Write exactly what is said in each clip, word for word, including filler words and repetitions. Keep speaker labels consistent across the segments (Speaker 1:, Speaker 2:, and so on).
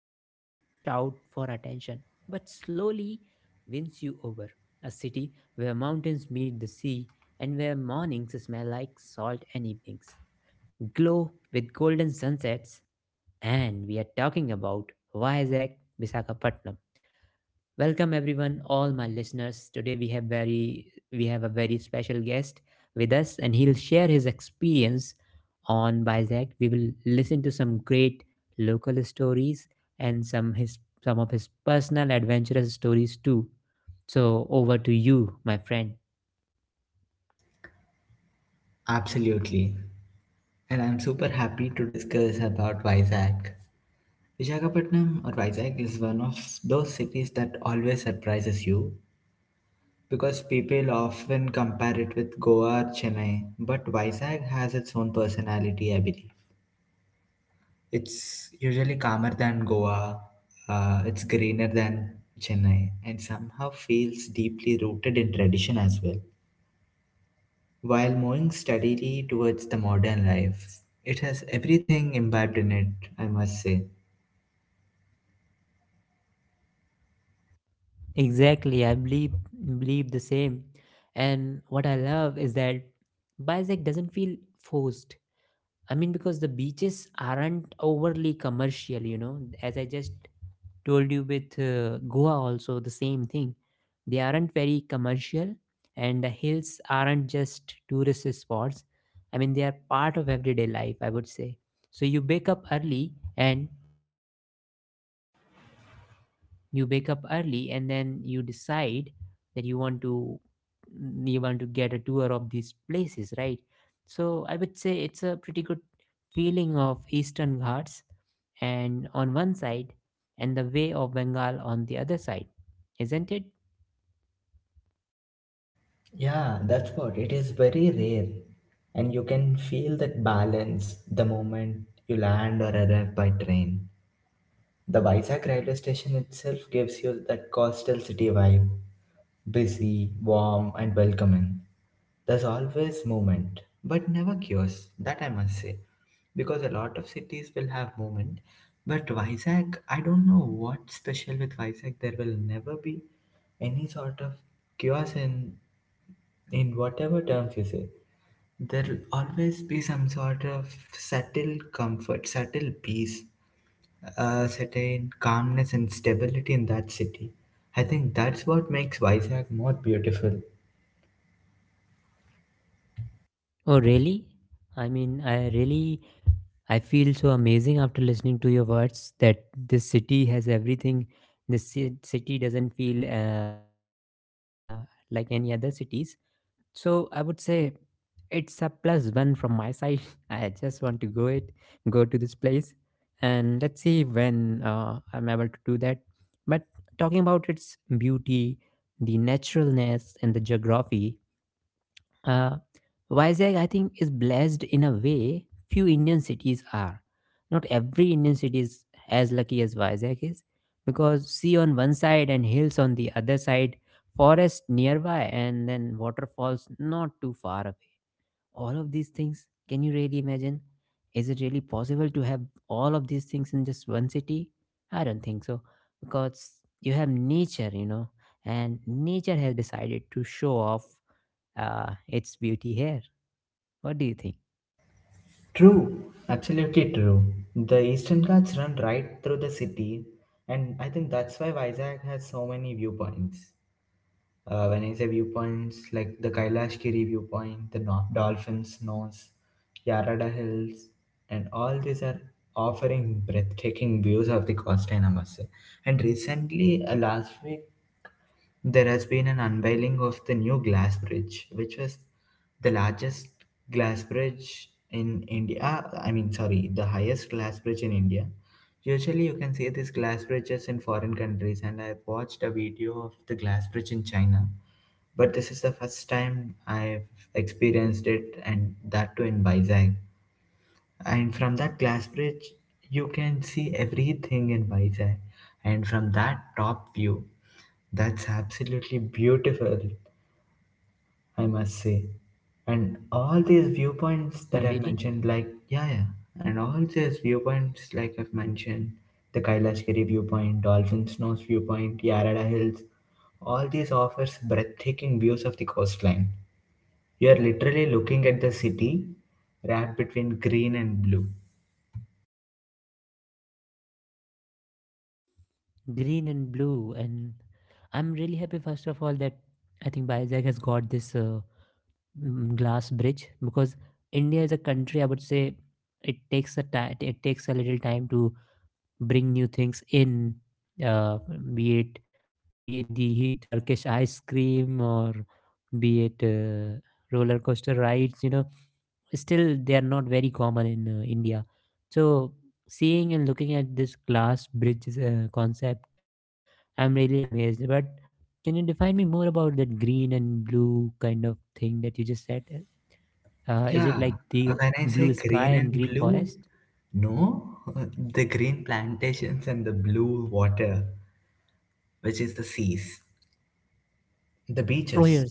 Speaker 1: that doesn't shout for attention but slowly wins you over. A city where mountains meet the sea and where mornings smell like salt and evenings glow with golden sunsets. And we are talking about Vizag, Visakhapatnam. Welcome everyone, all my listeners. Today we have very we have a very special guest with us and he'll share his experience on Bizak. We will listen to some great local stories and some his some of his personal adventurous stories too. So over to you, my friend.
Speaker 2: Absolutely. And I'm super happy to discuss about Vizag. Visakhapatnam or Vizag is one of those cities that always surprises you because people often compare it with Goa or Chennai, but Vizag has its own personality, I believe. It's usually calmer than Goa, uh, it's greener than Chennai, and somehow feels deeply rooted in tradition as well, while moving steadily towards the modern life. It has everything imbibed in it, I must say.
Speaker 1: Exactly, I believe believe the same. And what I love is that Bizak doesn't feel forced. I mean, because the beaches aren't overly commercial, you know, as I just told you with uh, Goa also the same thing. They aren't very commercial, and the hills aren't just tourist spots. I mean, they are part of everyday life, I would say. So you wake up early and you wake up early and then you decide that you want to mm, you want to get a tour of these places, right? So I would say it's a pretty good feeling of Eastern Ghats and on one side and the way of Bengal on the other side, isn't it?
Speaker 2: Yeah, that's what. It is very rare. And you can feel that balance the moment you land or arrive by train. The Vizag railway station itself gives you that coastal city vibe: busy, warm, and welcoming. There's always movement, but never chaos, that I must say, because a lot of cities will have movement. But Vizag, I don't know what's special with Vizag. There will never be any sort of chaos in in whatever terms you say. There'll always be some sort of subtle comfort, subtle peace, a certain calmness and stability in that city. I think that's what makes Vizag more beautiful.
Speaker 1: Oh, really? I mean, I really I feel so amazing after listening to your words that this city has everything. This ci- city doesn't feel uh, like any other cities. So I would say it's a plus one from my side. I just want to go it, go to this place, and let's see when uh, I'm able to do that. But talking about its beauty, the naturalness, and the geography, uh, Vizag, I think, is blessed in a way few Indian cities are. Not every Indian city is as lucky as Vizag is, because sea on one side and hills on the other side, forest nearby, and then waterfalls not too far away. All of these things, can you really imagine? Is it really possible to have all of these things in just one city? I don't think so, because you have nature, you know, and nature has decided to show off uh, it's beauty here. What do you think?
Speaker 2: True, absolutely true. The Eastern Ghats run right through the city, and I think that's why Vizag has so many viewpoints. Uh, when I say viewpoints, like the Kailash Kiri viewpoint, the no- Dolphin's Nose, Yarada Hills, and all these are offering breathtaking views of the coastline, I must say. And recently, uh, last week, there has been an unveiling of the new glass bridge, which was the largest glass bridge in India. I mean, sorry, the highest glass bridge in India. Usually, you can see these glass bridges in foreign countries, and I've watched a video of the glass bridge in China. But this is the first time I've experienced it, and that too in Vizag. And from that glass bridge, you can see everything in Vizag. And from that top view, that's absolutely beautiful, I must say. And all these viewpoints that I've mentioned,
Speaker 1: Really?
Speaker 2: like, yeah, yeah, and all these viewpoints, like I've mentioned, the Kailashgiri viewpoint, Dolphin Snows viewpoint, Yarada Hills, all these offers breathtaking views of the coastline. You are literally looking at the city wrapped between green and blue.
Speaker 1: Green and blue. And I'm really happy, first of all, that I think Bizac has got this uh, mm, glass bridge because India is a country, I would say it takes a time, it takes a little time to bring new things in, uh, be it be it the Turkish ice cream or be it uh, roller coaster rides, you know, still they are not very common in uh, India. So seeing and looking at this glass bridges uh, concept, I'm really amazed. But can you define me more about that green and blue kind of thing that you just said? Uh, is it
Speaker 2: Yeah,
Speaker 1: like the
Speaker 2: when I say
Speaker 1: blue
Speaker 2: green
Speaker 1: sky
Speaker 2: and
Speaker 1: and green
Speaker 2: blue,
Speaker 1: forest?
Speaker 2: no, the green plantations and the blue water, which is the seas, the
Speaker 1: Oh
Speaker 2: beaches.
Speaker 1: yes,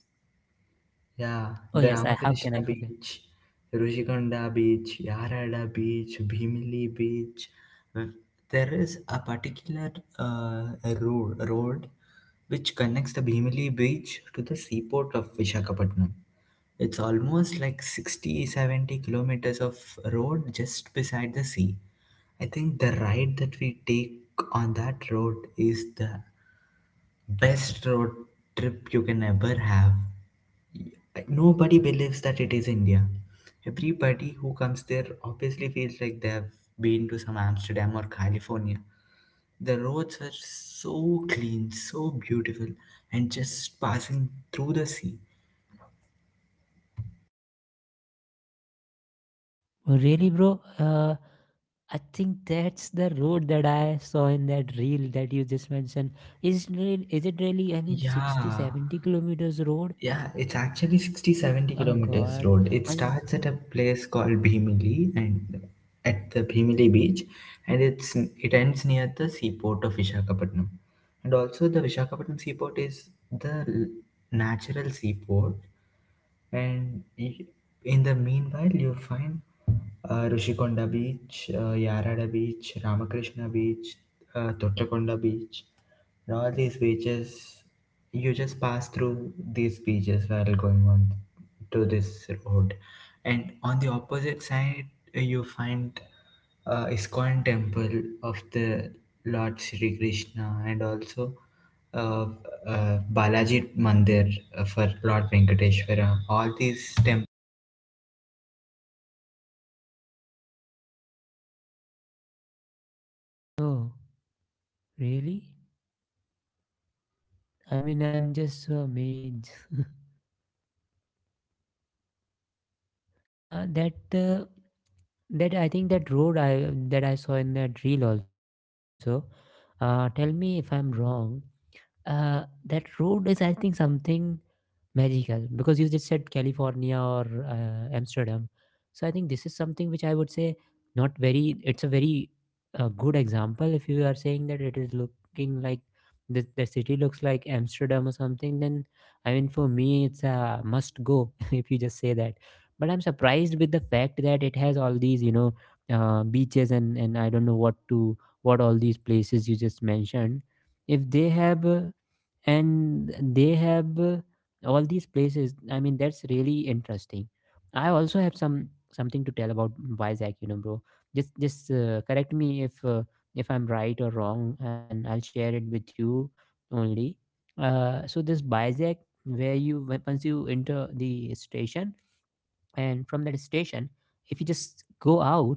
Speaker 2: Yeah, the
Speaker 1: oh yes. I how
Speaker 2: Ramakrishna
Speaker 1: can I forget?
Speaker 2: Beach, Rushikonda Beach, Yarada Beach, Bhimli Beach. Mm. There is a particular uh, road, road which connects the Bhimli Beach to the seaport of Vishakhapatnam. It's almost like sixty, seventy kilometers of road just beside the sea. I think the ride that we take on that road is the best road trip you can ever have. Nobody believes that it is India. Everybody who comes there obviously feels like they have been to some Amsterdam or California. The roads were so clean, so beautiful, and just passing through the sea.
Speaker 1: Oh, really, bro? Uh, I think that's the road that I saw in that reel that you just mentioned. Is it really, is it really, I mean, sixty, seventy
Speaker 2: Yeah,
Speaker 1: kilometers road?
Speaker 2: Yeah, it's actually
Speaker 1: Oh
Speaker 2: sixty seventy
Speaker 1: God. I
Speaker 2: kilometers
Speaker 1: mean,
Speaker 2: road. It starts at a place called Bhimili and at the Bhimili beach, and it's it ends near the seaport of Vishakhapatnam. And also the Vishakhapatnam seaport is the l- natural seaport, and i- in the meanwhile, you find uh, Rishikonda Beach, uh, Yarada Beach, Ramakrishna Beach, uh, Tottakonda Beach, and all these beaches. You just pass through these beaches while going on to this road, and on the opposite side, uh, you find uh, Iskon temple of the Lord Sri Krishna, and also uh, uh, Balaji Mandir uh, for Lord Venkateshwara, all these temples.
Speaker 1: oh, really? I mean, I'm just so amazed. Uh, that uh, that I think that road I that I saw in that reel also. Uh, tell me if I'm wrong. Uh, that road is, I think, something magical because you just said California or uh, Amsterdam. So I think this is something which I would say not very. It's a very uh, good example. If you are saying that it is looking like the, the city looks like Amsterdam or something, then, I mean, for me it's a must go if you just say that. But I'm surprised with the fact that it has all these you know uh, beaches and and I don't know what to what all these places you just mentioned, if they have uh, and they have uh, all these places, I mean, that's really interesting. I also have some something to tell about Vizag, you know bro. Just just uh, correct me if uh, if I'm right or wrong, and I'll share it with you only. Uh, so this Vizag, where you when- once you enter the station, and from that station, if you just go out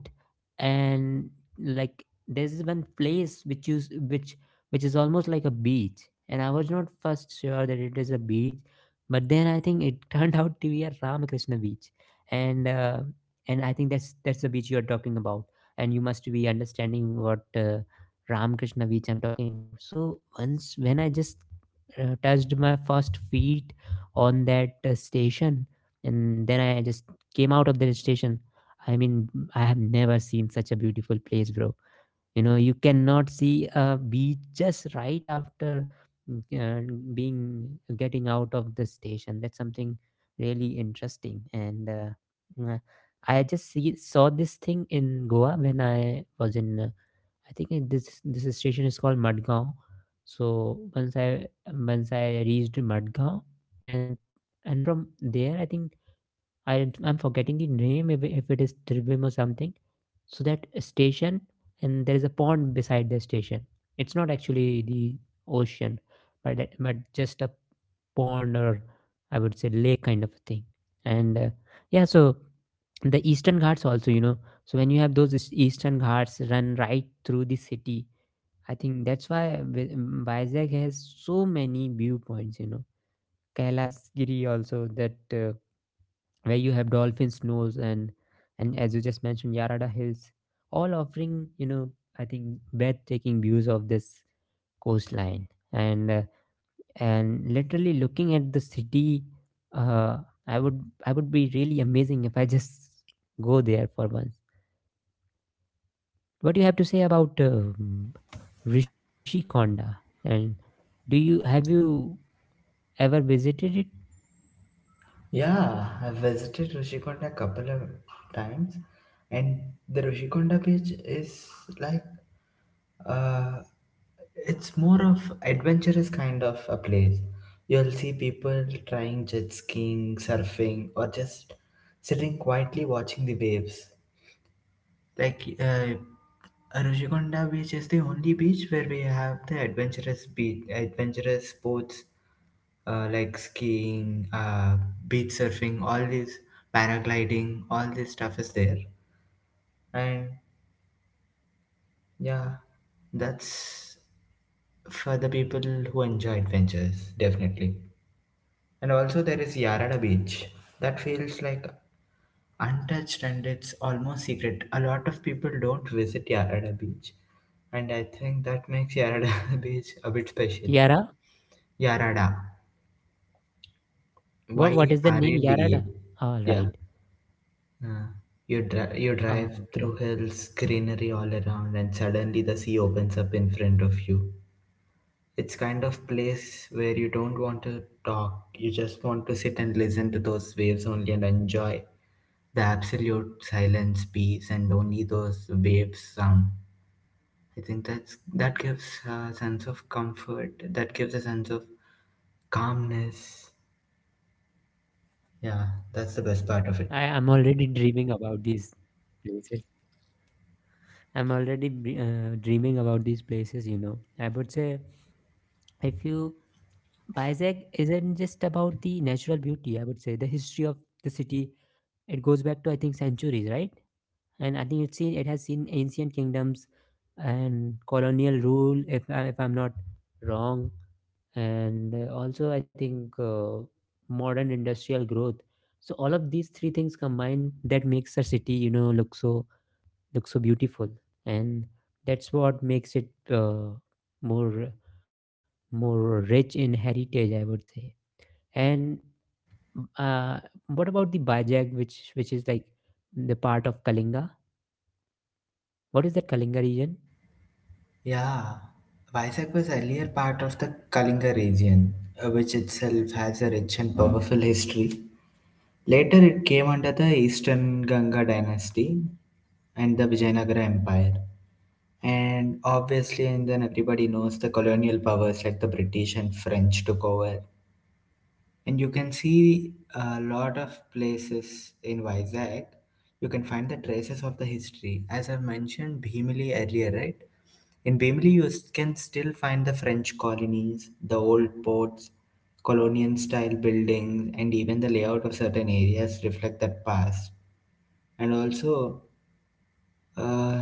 Speaker 1: and, like, there's this one place which is which which is almost like a beach, and I was not first sure that it is a beach, but then I think it turned out to be a Ramakrishna Beach. And uh, and I think that's that's the beach you're talking about, and you must be understanding what uh, Ramakrishna Beach I'm talking about. So once when I just uh, touched my first feet on that uh, station, and then I just came out of the station, I mean, I have never seen such a beautiful place, bro. You know, you cannot see a beach just right after uh, being getting out of the station. That's something really interesting, and uh, uh, I just see, saw this thing in Goa when I was in, uh, I think, it- this this station is called Madgaon. So once I, once i reached Madgaon, and and from there, I think, I don't- I'm forgetting the name, if, if it is Trivim or something. So that station, and there is a pond beside the station. It's not actually the ocean, but it- but just a pond or, I would say, lake kind of a thing. And uh, yeah, so the Eastern Ghats also, you know, so when you have those is- Eastern Ghats run right through the city, I think that's why Vi- Vizag has so many viewpoints. You know, Kailasgiri also that. Uh, where you have Dolphin's Nose and, and as you just mentioned, Yarada Hills, all offering, you know i think breathtaking views of this coastline, and uh, and literally looking at the city. uh, i would I would be really amazing if I just go there for once. What do you have to say about um Rishikonda, and do you have you ever visited it?
Speaker 2: Yeah, I've visited Rishikonda a couple of times, and the Rishikonda beach is like, uh, it's more of adventurous kind of a place. You'll see people trying jet skiing, surfing, or just sitting quietly watching the waves. Like, uh, Aruchikonda Beach is the only beach where we have the adventurous beach, adventurous sports uh, like skiing, uh, beach surfing, all these paragliding, all this stuff is there. And yeah, that's for the people who enjoy adventures, definitely. And also there is Yarada Beach. That feels like untouched and it's almost secret. A lot of people don't visit Yarada Beach. And I think that makes Yarada Beach
Speaker 1: Yara,
Speaker 2: a bit special. Yarada.
Speaker 1: what what is the name?
Speaker 2: Y
Speaker 1: Yarada,
Speaker 2: R A D
Speaker 1: all right.
Speaker 2: A. Yeah. Uh, you
Speaker 1: Ah,
Speaker 2: dri-
Speaker 1: okay.
Speaker 2: you drive through hills, greenery all around, and suddenly the sea opens up in front of you. It's kind of place where you don't want to talk. You just want to sit and listen to those waves only and enjoy the absolute silence, peace, and only those waves sound. I think that's that gives a sense of comfort. That gives a sense of calmness. Yeah, that's the best part of it.
Speaker 1: I am already dreaming about these places. I'm already b- uh, dreaming about these places, you know. I would say, if you Bizag isn't just about the natural beauty. I would say the history of the city. It goes back to, I think, centuries, right? And I think it's seen it has seen ancient kingdoms and colonial rule, if I- if I'm not wrong. And uh, also, I think, uh, modern industrial growth. So all of these three things combined, that makes a city, you know, look so look so beautiful, and that's what makes it uh, more more rich in heritage, I would say. And uh, what about the Bajag, which which is like the part of Kalinga? What is that Kalinga region?
Speaker 2: Yeah, Vizag was earlier part of the Kalinga region, uh, which itself has a rich and powerful history. Later, it came under the Eastern Ganga dynasty and the Vijayanagara Empire. And obviously, and then everybody knows the colonial powers like the British and French took over, and you can see a lot of places in Vizag. You can find the traces of the history. As I've mentioned Bhimli earlier, right? In Bhimli, you s- can still find the French colonies, the old ports, colonial style buildings, and even the layout of certain areas reflect that past. And also, uh,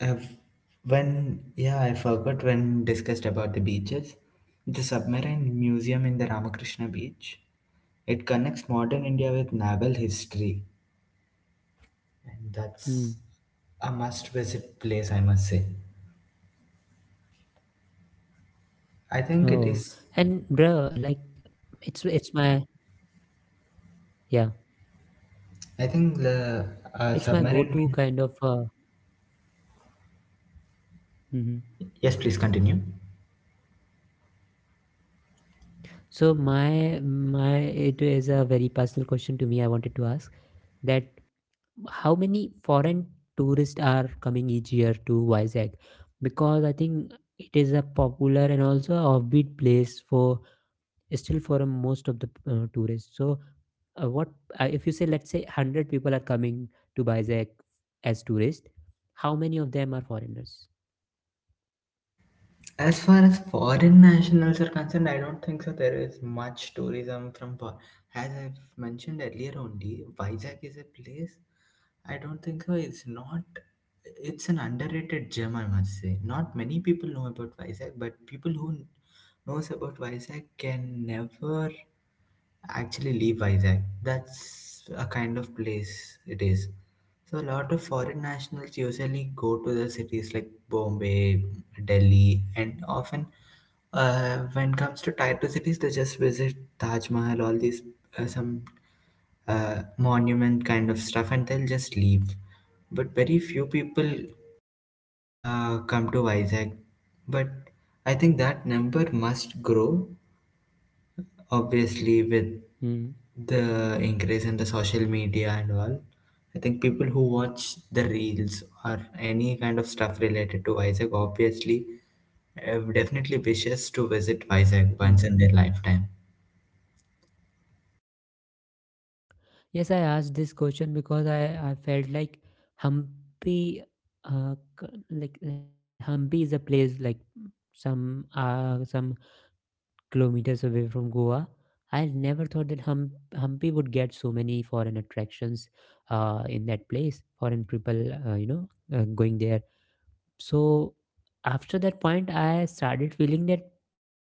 Speaker 2: I've, when, yeah, I forgot when discussed about the beaches, the submarine museum in the Ramakrishna Beach, it connects modern India with naval history, and that's a
Speaker 1: Hmm.
Speaker 2: must-visit place, I must say. I think it
Speaker 1: Oh,
Speaker 2: is.
Speaker 1: and, bro, like, it's it's my yeah,
Speaker 2: I think the uh,
Speaker 1: it's my
Speaker 2: submarine.
Speaker 1: go-to kind of, uh,
Speaker 2: Yes,
Speaker 1: mhm.
Speaker 2: please continue.
Speaker 1: So my, my it is a very personal question to me. I wanted to ask that how many foreign tourists are coming each year to Vizag? Because I think it is a popular and also a offbeat place for, still for a most of the uh, tourists. So, uh, what uh, if you say, let's say, one hundred people are coming to Vizag as tourists? How many of them are foreigners?
Speaker 2: As far as foreign nationals are concerned, I don't think so. There is much tourism from for, as I've mentioned earlier only, Vizag is a place, I don't think so. It's not, it's an underrated gem, I must say. Not many people know about Vizag, but people who knows about Vizag can never actually leave Vizag. That's a kind of place it is. So a lot of foreign nationals usually go to the cities like Bombay, Delhi, and often, uh, when it comes to tier two cities, they just visit Taj Mahal, all these uh, some uh, monument kind of stuff, and they'll just leave. But very few people uh, come to Vizag. But I think that number must grow, obviously, with
Speaker 1: Hmm.
Speaker 2: the increase in the social media and all. I think people who watch the reels or any kind of stuff related to Vizag obviously uh, definitely wishes to visit
Speaker 1: Hmm.
Speaker 2: Vizag once in their lifetime.
Speaker 1: Yes, I asked this question because I, I felt like Hampi, uh, c- like Hampi is a place, like, some uh, some kilometers away from Goa. I never thought that hum- Hampi would get so many foreign attractions uh, in that place, foreign people, uh, you know, uh, going there. So after that point, I started feeling that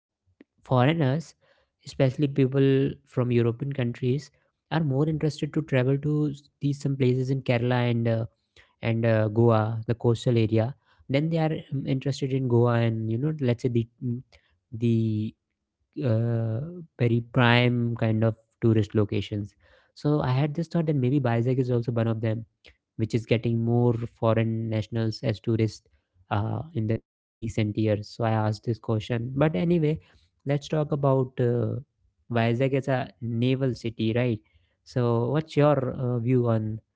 Speaker 1: foreigners, especially people from European countries, are more interested to travel to s- these some places in Kerala and uh, and uh, Goa, the coastal area, then they are um, interested in Goa, and, you know let's say, the mm, the uh, very prime kind of tourist locations. So I had this thought that maybe Bizag is also one of them, which is getting more foreign nationals as tourists uh, in the recent years. So I asked this question. But anyway, let's talk about uh, Vizag as a naval city, right? So what's your uh, view on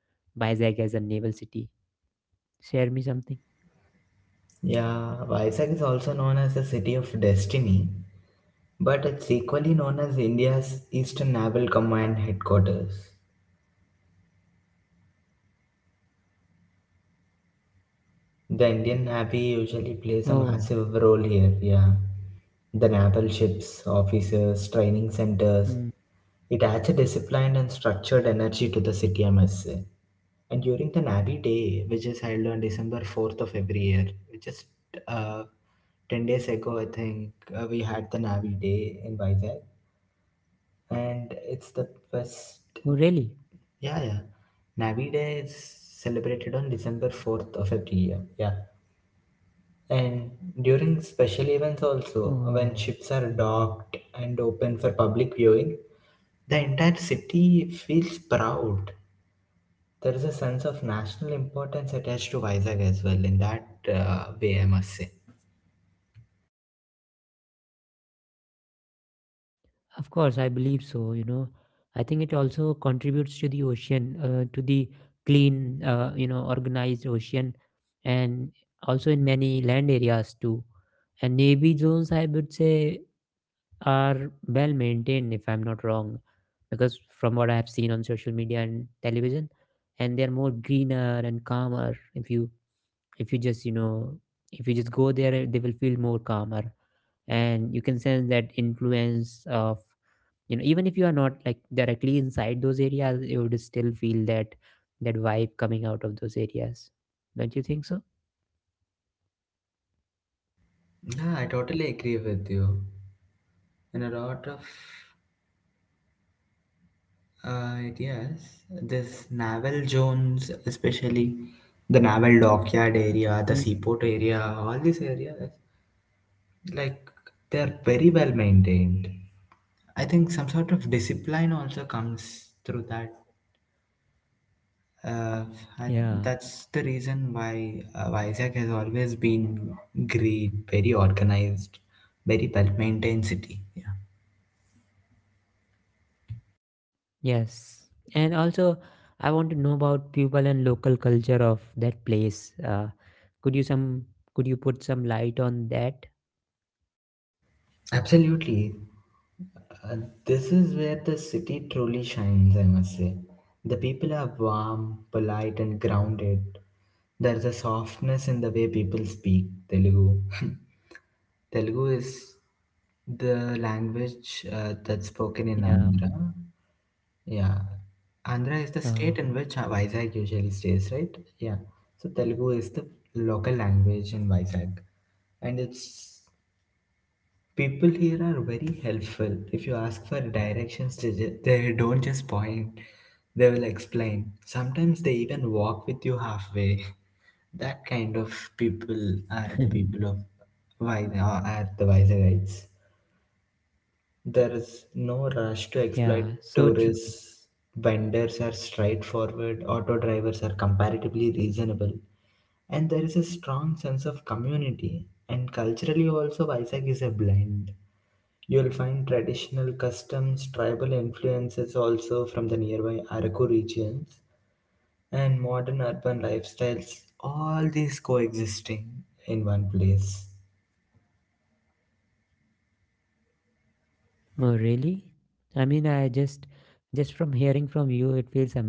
Speaker 1: Vizag as a naval city? Share me something.
Speaker 2: Yeah, Vizag is also known as the City of Destiny, but it's equally known as India's Eastern Naval Command headquarters. The Indian Navy usually plays a
Speaker 1: Oh,
Speaker 2: massive role here, yeah. The naval ships, officers, training
Speaker 1: mm.
Speaker 2: centers. It adds a disciplined and structured energy to the city, I must say. And during the Navy Day, which is held on December fourth of every year, just uh, ten days ago, I think, uh, we had the Navy Day in Vizag, and it's the best. Yeah,
Speaker 1: Oh,
Speaker 2: yeah.
Speaker 1: really?
Speaker 2: Navi Day is celebrated on December fourth of every year. Yeah. And during special events also, when ships
Speaker 1: Oh,
Speaker 2: are docked and open for public viewing, the entire city feels proud. There is a sense of national importance attached to Vizag as well in that uh, way, I must say.
Speaker 1: of course, I believe so. You know, I think it also contributes to the ocean, uh, to the clean, uh, you know, organized ocean, and also in many land areas too. And navy zones, I would say, are well maintained, if I'm not wrong, because from what I have seen on social media and television, and they're more greener and calmer if you if you just you know if you just go there they will feel more calmer, and you can sense that influence of, you know even if you are not like directly inside those areas, you would still feel that that vibe coming out of those areas, don't you think so?
Speaker 2: Yeah, I totally agree with you. In a lot of, Uh, yes, this naval zones, especially the naval dockyard area, the
Speaker 1: Mm,
Speaker 2: seaport area, all these areas, like, they're very well maintained. I think some sort of discipline also comes through that. Uh, I-
Speaker 1: yeah.
Speaker 2: that's the reason why uh, Vizag has always been great, very organized, very well maintained city. Yeah.
Speaker 1: Yes, and also I want to know about people and local culture of that place. Uh, could you some could you put some light on that?
Speaker 2: Absolutely. Uh, this is where the city truly shines, I must say. The people are warm, polite, and grounded. There's a softness in the way people speak Telugu. Telugu is the language uh, that's
Speaker 1: Yeah.
Speaker 2: spoken in Andhra. Yeah. Andhra is the
Speaker 1: uh,
Speaker 2: state in which uh, Vizag usually stays, right? Yeah. So Telugu is the local language in Vizag. And it's, people here are very helpful. If you ask for directions, they, ju- they don't just point, they will explain. Sometimes they even walk with you halfway. That kind of people are the people of, why are the the guides? There is no rush
Speaker 1: yeah,
Speaker 2: to
Speaker 1: so
Speaker 2: exploit
Speaker 1: true.
Speaker 2: tourists. Vendors are straightforward, auto drivers are comparatively reasonable, and there is a strong sense of community. And culturally also, Vizag is a blend. You'll find traditional customs, tribal influences also from the nearby Araku regions, and modern urban lifestyles, all these coexisting in one place.
Speaker 1: Oh, really? I mean, I just just from hearing from you, it feels amazing.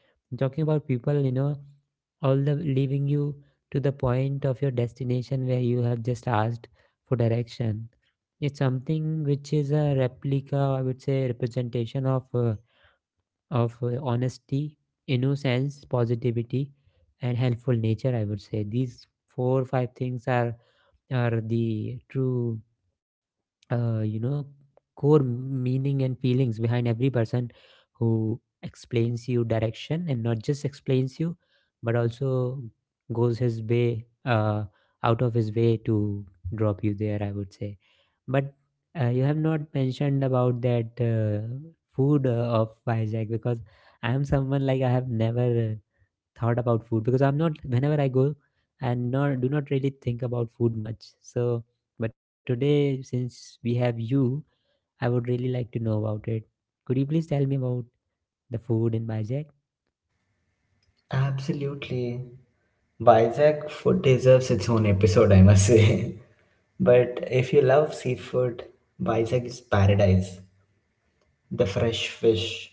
Speaker 1: Talking about people, you know, all the leaving you to the point of your destination where you have just asked for direction. It's something which is a replica, I would say, representation of uh, of uh, honesty, innocence, positivity, and helpful nature. I would say these four or five things are are the true uh, you know core meaning and feelings behind every person who explains you direction, and not just explains you but also goes his way, uh, out of his way to drop you there, I would say. But uh, you have not mentioned about that uh, food uh, of Vizag, because I am someone like I have never uh, thought about food because I'm not whenever I go and not do not really think about food much. So, but today since we have you, I would really like to know about it. Could you please tell me about the food in Bajak?
Speaker 2: Absolutely. Vizag food deserves its own episode, I must say. But if you love seafood, Vizag is paradise. The fresh fish,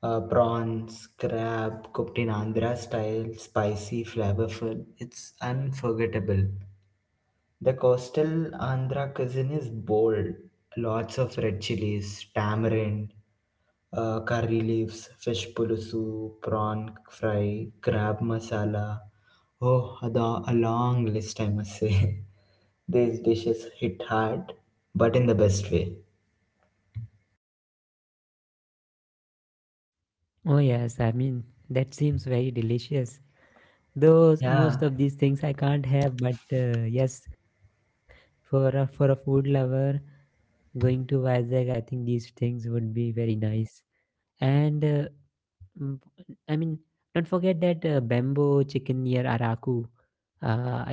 Speaker 2: uh, prawns, crab, cooked in Andhra style, spicy, flavorful. It's unforgettable. The coastal Andhra cuisine is bold. Lots of red chilies, tamarind, uh, curry leaves, fish pulusu, prawn fry, crab masala. Oh, ada, a long list, I must say. These dishes hit hard, but in the best way.
Speaker 1: Oh yes, I mean that seems very delicious. Though
Speaker 2: Yeah,
Speaker 1: most of these things I can't have, but uh, yes, for a, for a food lover, going to Vizag, I think these things would be very nice. And uh, Mm, I mean, don't forget that uh, bamboo chicken near Araku.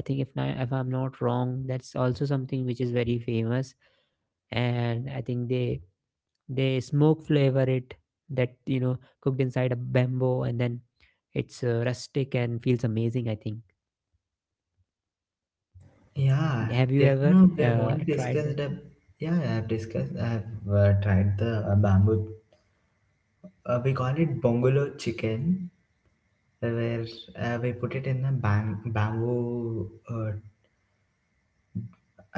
Speaker 1: Uh, I think if not, if I'm not wrong, that's also something which is very famous. And I think they they smoke flavor it, that you know cooked inside a bamboo, and then it's uh, rustic and feels amazing, I think.
Speaker 2: yeah.
Speaker 1: Have you
Speaker 2: Till
Speaker 1: ever
Speaker 2: now, we have
Speaker 1: uh,
Speaker 2: only
Speaker 1: tried that?
Speaker 2: discussed. Uh, yeah, I have discussed. I have uh, tried the uh, bamboo. Uh, we call it bongolo chicken, where uh, we put it in the bam- bamboo, uh,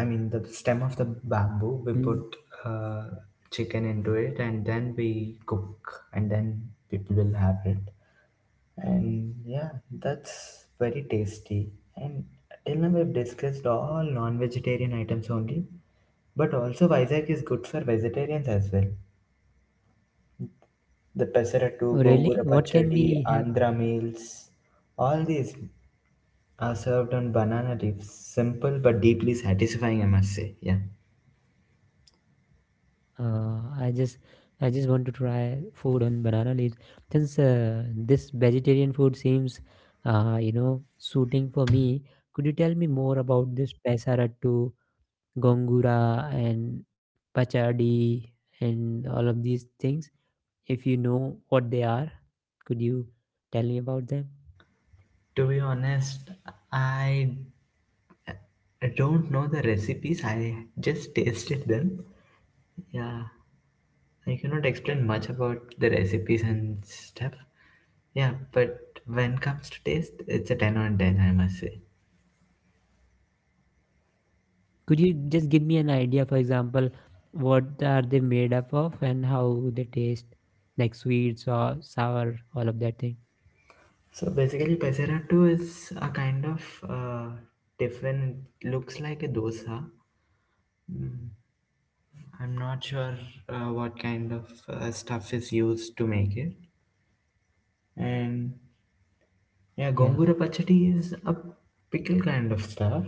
Speaker 2: I mean the stem of the
Speaker 1: Mm.
Speaker 2: bamboo. We put uh, chicken into it and then we cook, and then people will have it. And yeah, that's very tasty. And till now we've discussed all non-vegetarian items only, but also Vizag is good for vegetarians as well. The pesaratu,
Speaker 1: Oh, really?
Speaker 2: gongura
Speaker 1: What can
Speaker 2: pachadi,
Speaker 1: we have?
Speaker 2: Andhra meals, all these are served on banana leaves. Simple but deeply satisfying, I must say. Yeah.
Speaker 1: Uh, I just, I just want to try food on banana leaves. Since uh, this vegetarian food seems, uh, you know, suiting for me, could you tell me more about this pesarattu, gongura, and pachadi, and all of these things? If you know what they are, could you tell me about them?
Speaker 2: To be honest, I don't know the recipes. I just tasted them. Yeah. I cannot explain much about the recipes and stuff. Yeah, but when it comes to taste, it's a ten on ten, I must say.
Speaker 1: Could you just give me an idea, for example, what are they made up of and how they taste, like sweet, sour, sour, all of that thing?
Speaker 2: So basically, Peserato is a kind of uh, tiffin. It looks like a dosa. Mm, I'm not sure uh, what kind of uh, stuff is used to make it. And
Speaker 1: Yeah.
Speaker 2: yeah, gongura pachadi is a pickle kind of stuff.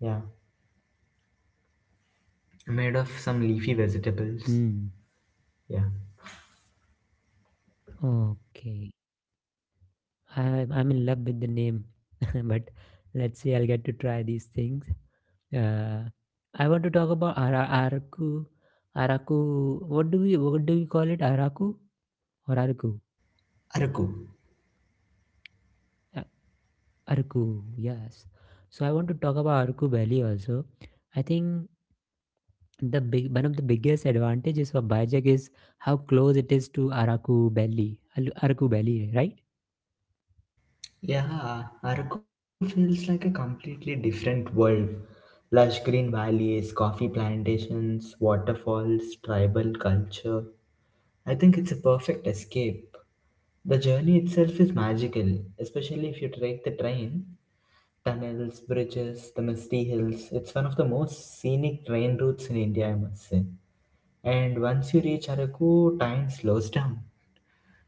Speaker 2: Yeah, made of some leafy vegetables.
Speaker 1: Hmm.
Speaker 2: Yeah,
Speaker 1: Okay. I, I'm in love with the name, but let's see, I'll get to try these things. Uh, I want to talk about ara- Araku. Araku. What do we what do we call it? Araku or Araku?
Speaker 2: araku.
Speaker 1: Uh, Araku. Yes. So I want to talk about Araku Valley also. I think the big one of the biggest advantages of Bajak is how close it is to Araku Valley. Al- Araku Valley, right?
Speaker 2: Yeah, Araku feels like a completely different world. Lush green valleys, coffee plantations, waterfalls, tribal culture. I think it's a perfect escape. The journey itself is magical, especially if you take the train. Tunnels, bridges, the misty hills. It's one of the most scenic train routes in India, I must say. And once you reach Araku, time slows down.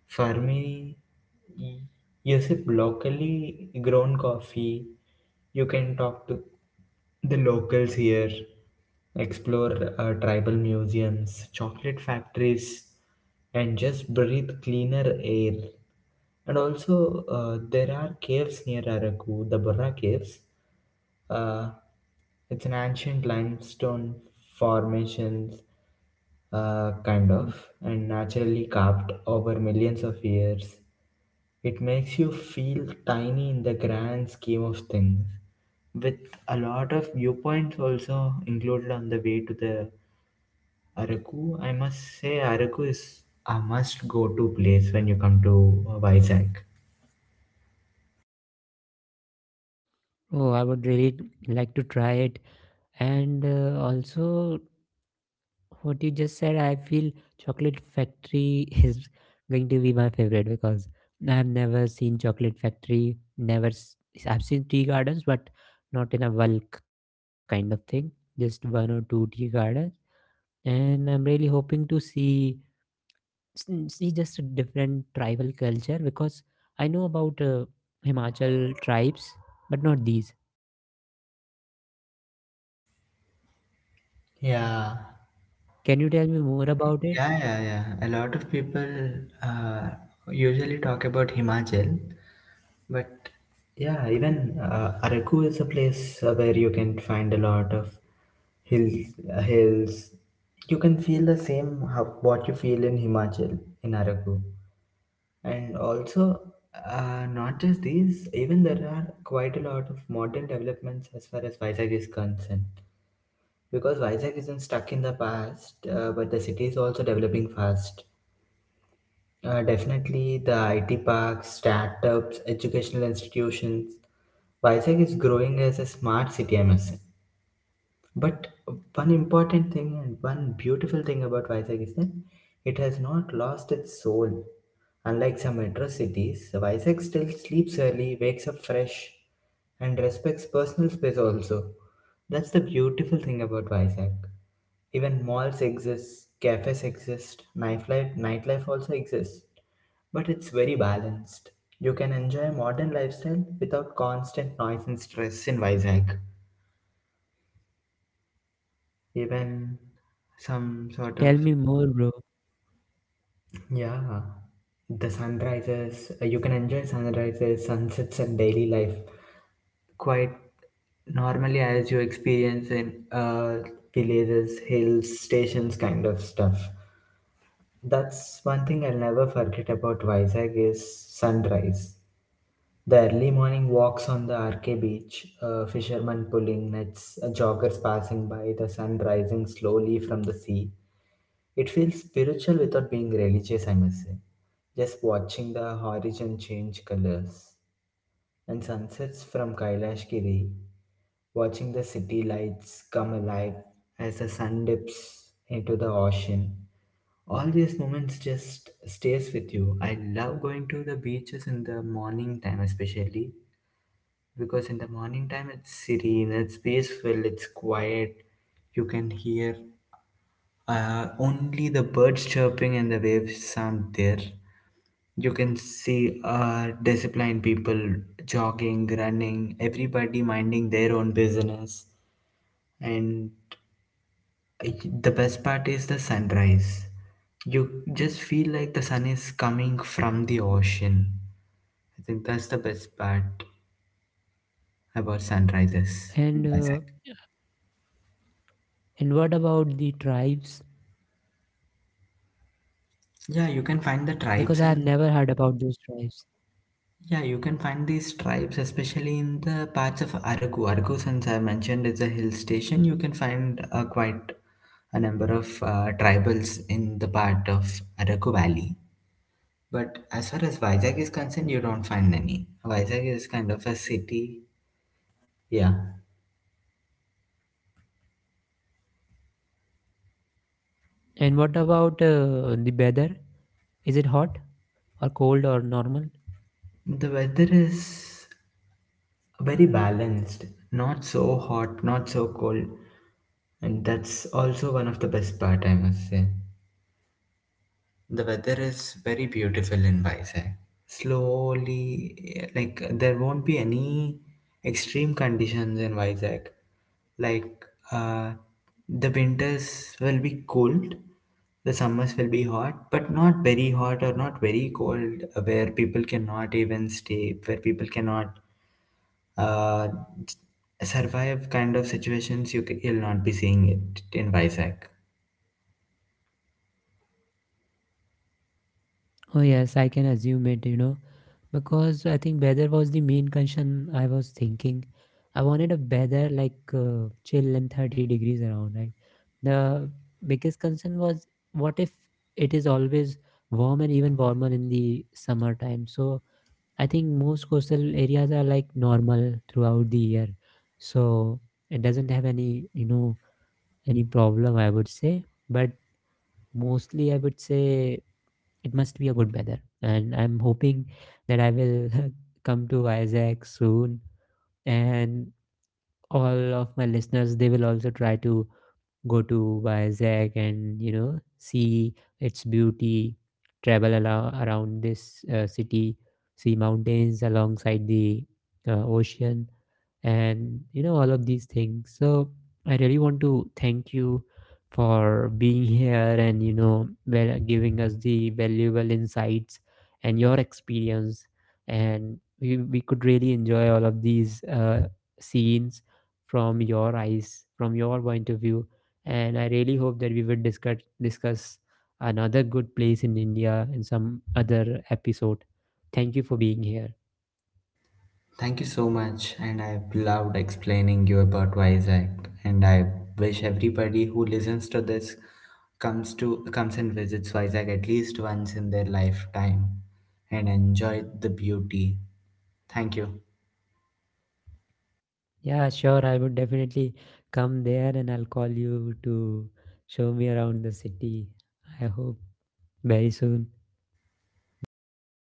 Speaker 2: For me, y- you sip locally grown coffee. You can talk to the locals here, explore uh, tribal museums, chocolate factories, and just breathe cleaner air. And also, uh, there are caves near Araku, the Burra Caves. Uh, it's an ancient limestone formations, uh, kind of, and naturally carved over millions of years. It makes you feel tiny in the grand scheme of things, with a lot of viewpoints also included on the way to the Araku. I must say Araku is a must go to place when you come to uh, Vizag.
Speaker 1: Oh, I would really like to try it. And uh, also, what you just said, I feel Chocolate Factory is going to be my favorite, because I've never seen Chocolate Factory. Never, s- I've seen tea gardens, but not in a bulk kind of thing. Just one or two tea gardens, and I'm really hoping to see s- see just a different tribal culture, because I know about uh, Himachal tribes, but not these.
Speaker 2: Yeah.
Speaker 1: Can you tell me more about it?
Speaker 2: Yeah, yeah, yeah. A lot of people uh, usually talk about Himachal, but yeah, even uh, Araku is a place uh, where you can find a lot of hills. Uh, hills. You can feel the same how, what you feel in Himachal in Araku. And also, uh, not just these, even there are quite a lot of modern developments as far as Vizag is concerned. Because Vizag isn't stuck in the past, uh, but the city is also developing fast. Uh, definitely, the I T parks, startups, educational institutions. Vizag is growing as a smart city, I must say. But one important thing and one beautiful thing about Vizag is that it has not lost its soul. Unlike some metro cities, Vizag still sleeps early, wakes up fresh, and respects personal space also. That's the beautiful thing about Vizag. Even malls exist, cafes exist, nightlife, nightlife also exists. But it's very balanced. You can enjoy modern lifestyle without constant noise and stress in Vizag. Even some
Speaker 1: Tell
Speaker 2: sort
Speaker 1: me
Speaker 2: of,
Speaker 1: more, bro.
Speaker 2: yeah, the sunrises. Uh, you can enjoy sunrises, sunsets, and daily life quite normally as you experience in uh, villages, hills, stations, kind of stuff. That's one thing I'll never forget about Vizag is sunrise. The early morning walks on the R K beach, a fisherman pulling nets, a joggers passing by, the sun rising slowly from the sea. It feels spiritual without being religious, I must say. Just watching the horizon change colors. And sunsets from Kailash Giri, watching the city lights come alive as the sun dips into the ocean, all these moments just stays with you. I love going to the beaches in the morning time, especially because in the morning time it's serene, it's peaceful, it's quiet. You can hear uh, only the birds chirping and the waves sound there. You can see uh, disciplined people jogging, running, everybody minding their own business. and I- the best part is the sunrise. You just feel like the sun is coming from the ocean. I think that's the best part about sunrises in
Speaker 1: And
Speaker 2: Vizag.
Speaker 1: uh, And what about the tribes?
Speaker 2: Yeah, you can find the
Speaker 1: Because
Speaker 2: tribes.
Speaker 1: I have
Speaker 2: And
Speaker 1: never heard about those tribes.
Speaker 2: yeah, you can find these tribes, especially in the parts of Araku. Araku, since I mentioned, is a hill station. You can find uh, quite a number of uh, tribals in the part of Araku Valley. But as far as Vizag is concerned, you don't find any. Vizag is kind of a city. Yeah.
Speaker 1: And what about uh, the weather? Is it hot or cold or normal?
Speaker 2: The weather is very balanced, not so hot, not so cold, and that's also one of the best part, I must say. The weather is very beautiful in Vizag. Slowly, like there won't be any extreme conditions in Vizag. Like like, uh, the winters will be cold, the summers will be hot, but not very hot or not very cold, uh, where people cannot even stay, where people cannot uh, survive. Kind of situations you c- you'll not be seeing it in Vizag.
Speaker 1: Oh, yes, I can assume it, you know, because I think weather was the main concern I was thinking. I wanted a weather like uh, chill and thirty degrees around, right? The biggest concern was what if it is always warm and even warmer in the summertime? So, I think most coastal areas are like normal throughout the year. So it doesn't have any, you know, any problem, I would say. But mostly, I would say it must be a good weather. And I'm hoping that I will come to Isaac soon. And all of my listeners, they will also try to go to Vizag and you know see its beauty, travel alo- around this uh, city, see mountains alongside the uh, ocean, and you know all of these things. So I really want to thank you for being here, and you know val- giving us the valuable insights and your experience. And we, we could really enjoy all of these uh, scenes from your eyes, from your point of view. And I really hope that we will discuss discuss another good place in India in some other episode. Thank you for being here.
Speaker 2: Thank you so much, and I've loved explaining you about Isaac. And I wish everybody who listens to this comes to comes and visits Isaac at least once in their lifetime, and enjoy the beauty. Thank you.
Speaker 1: Yeah, sure. I would definitely come there and I'll call you to show me around the city. I hope very soon.
Speaker 2: Yeah, I'd love.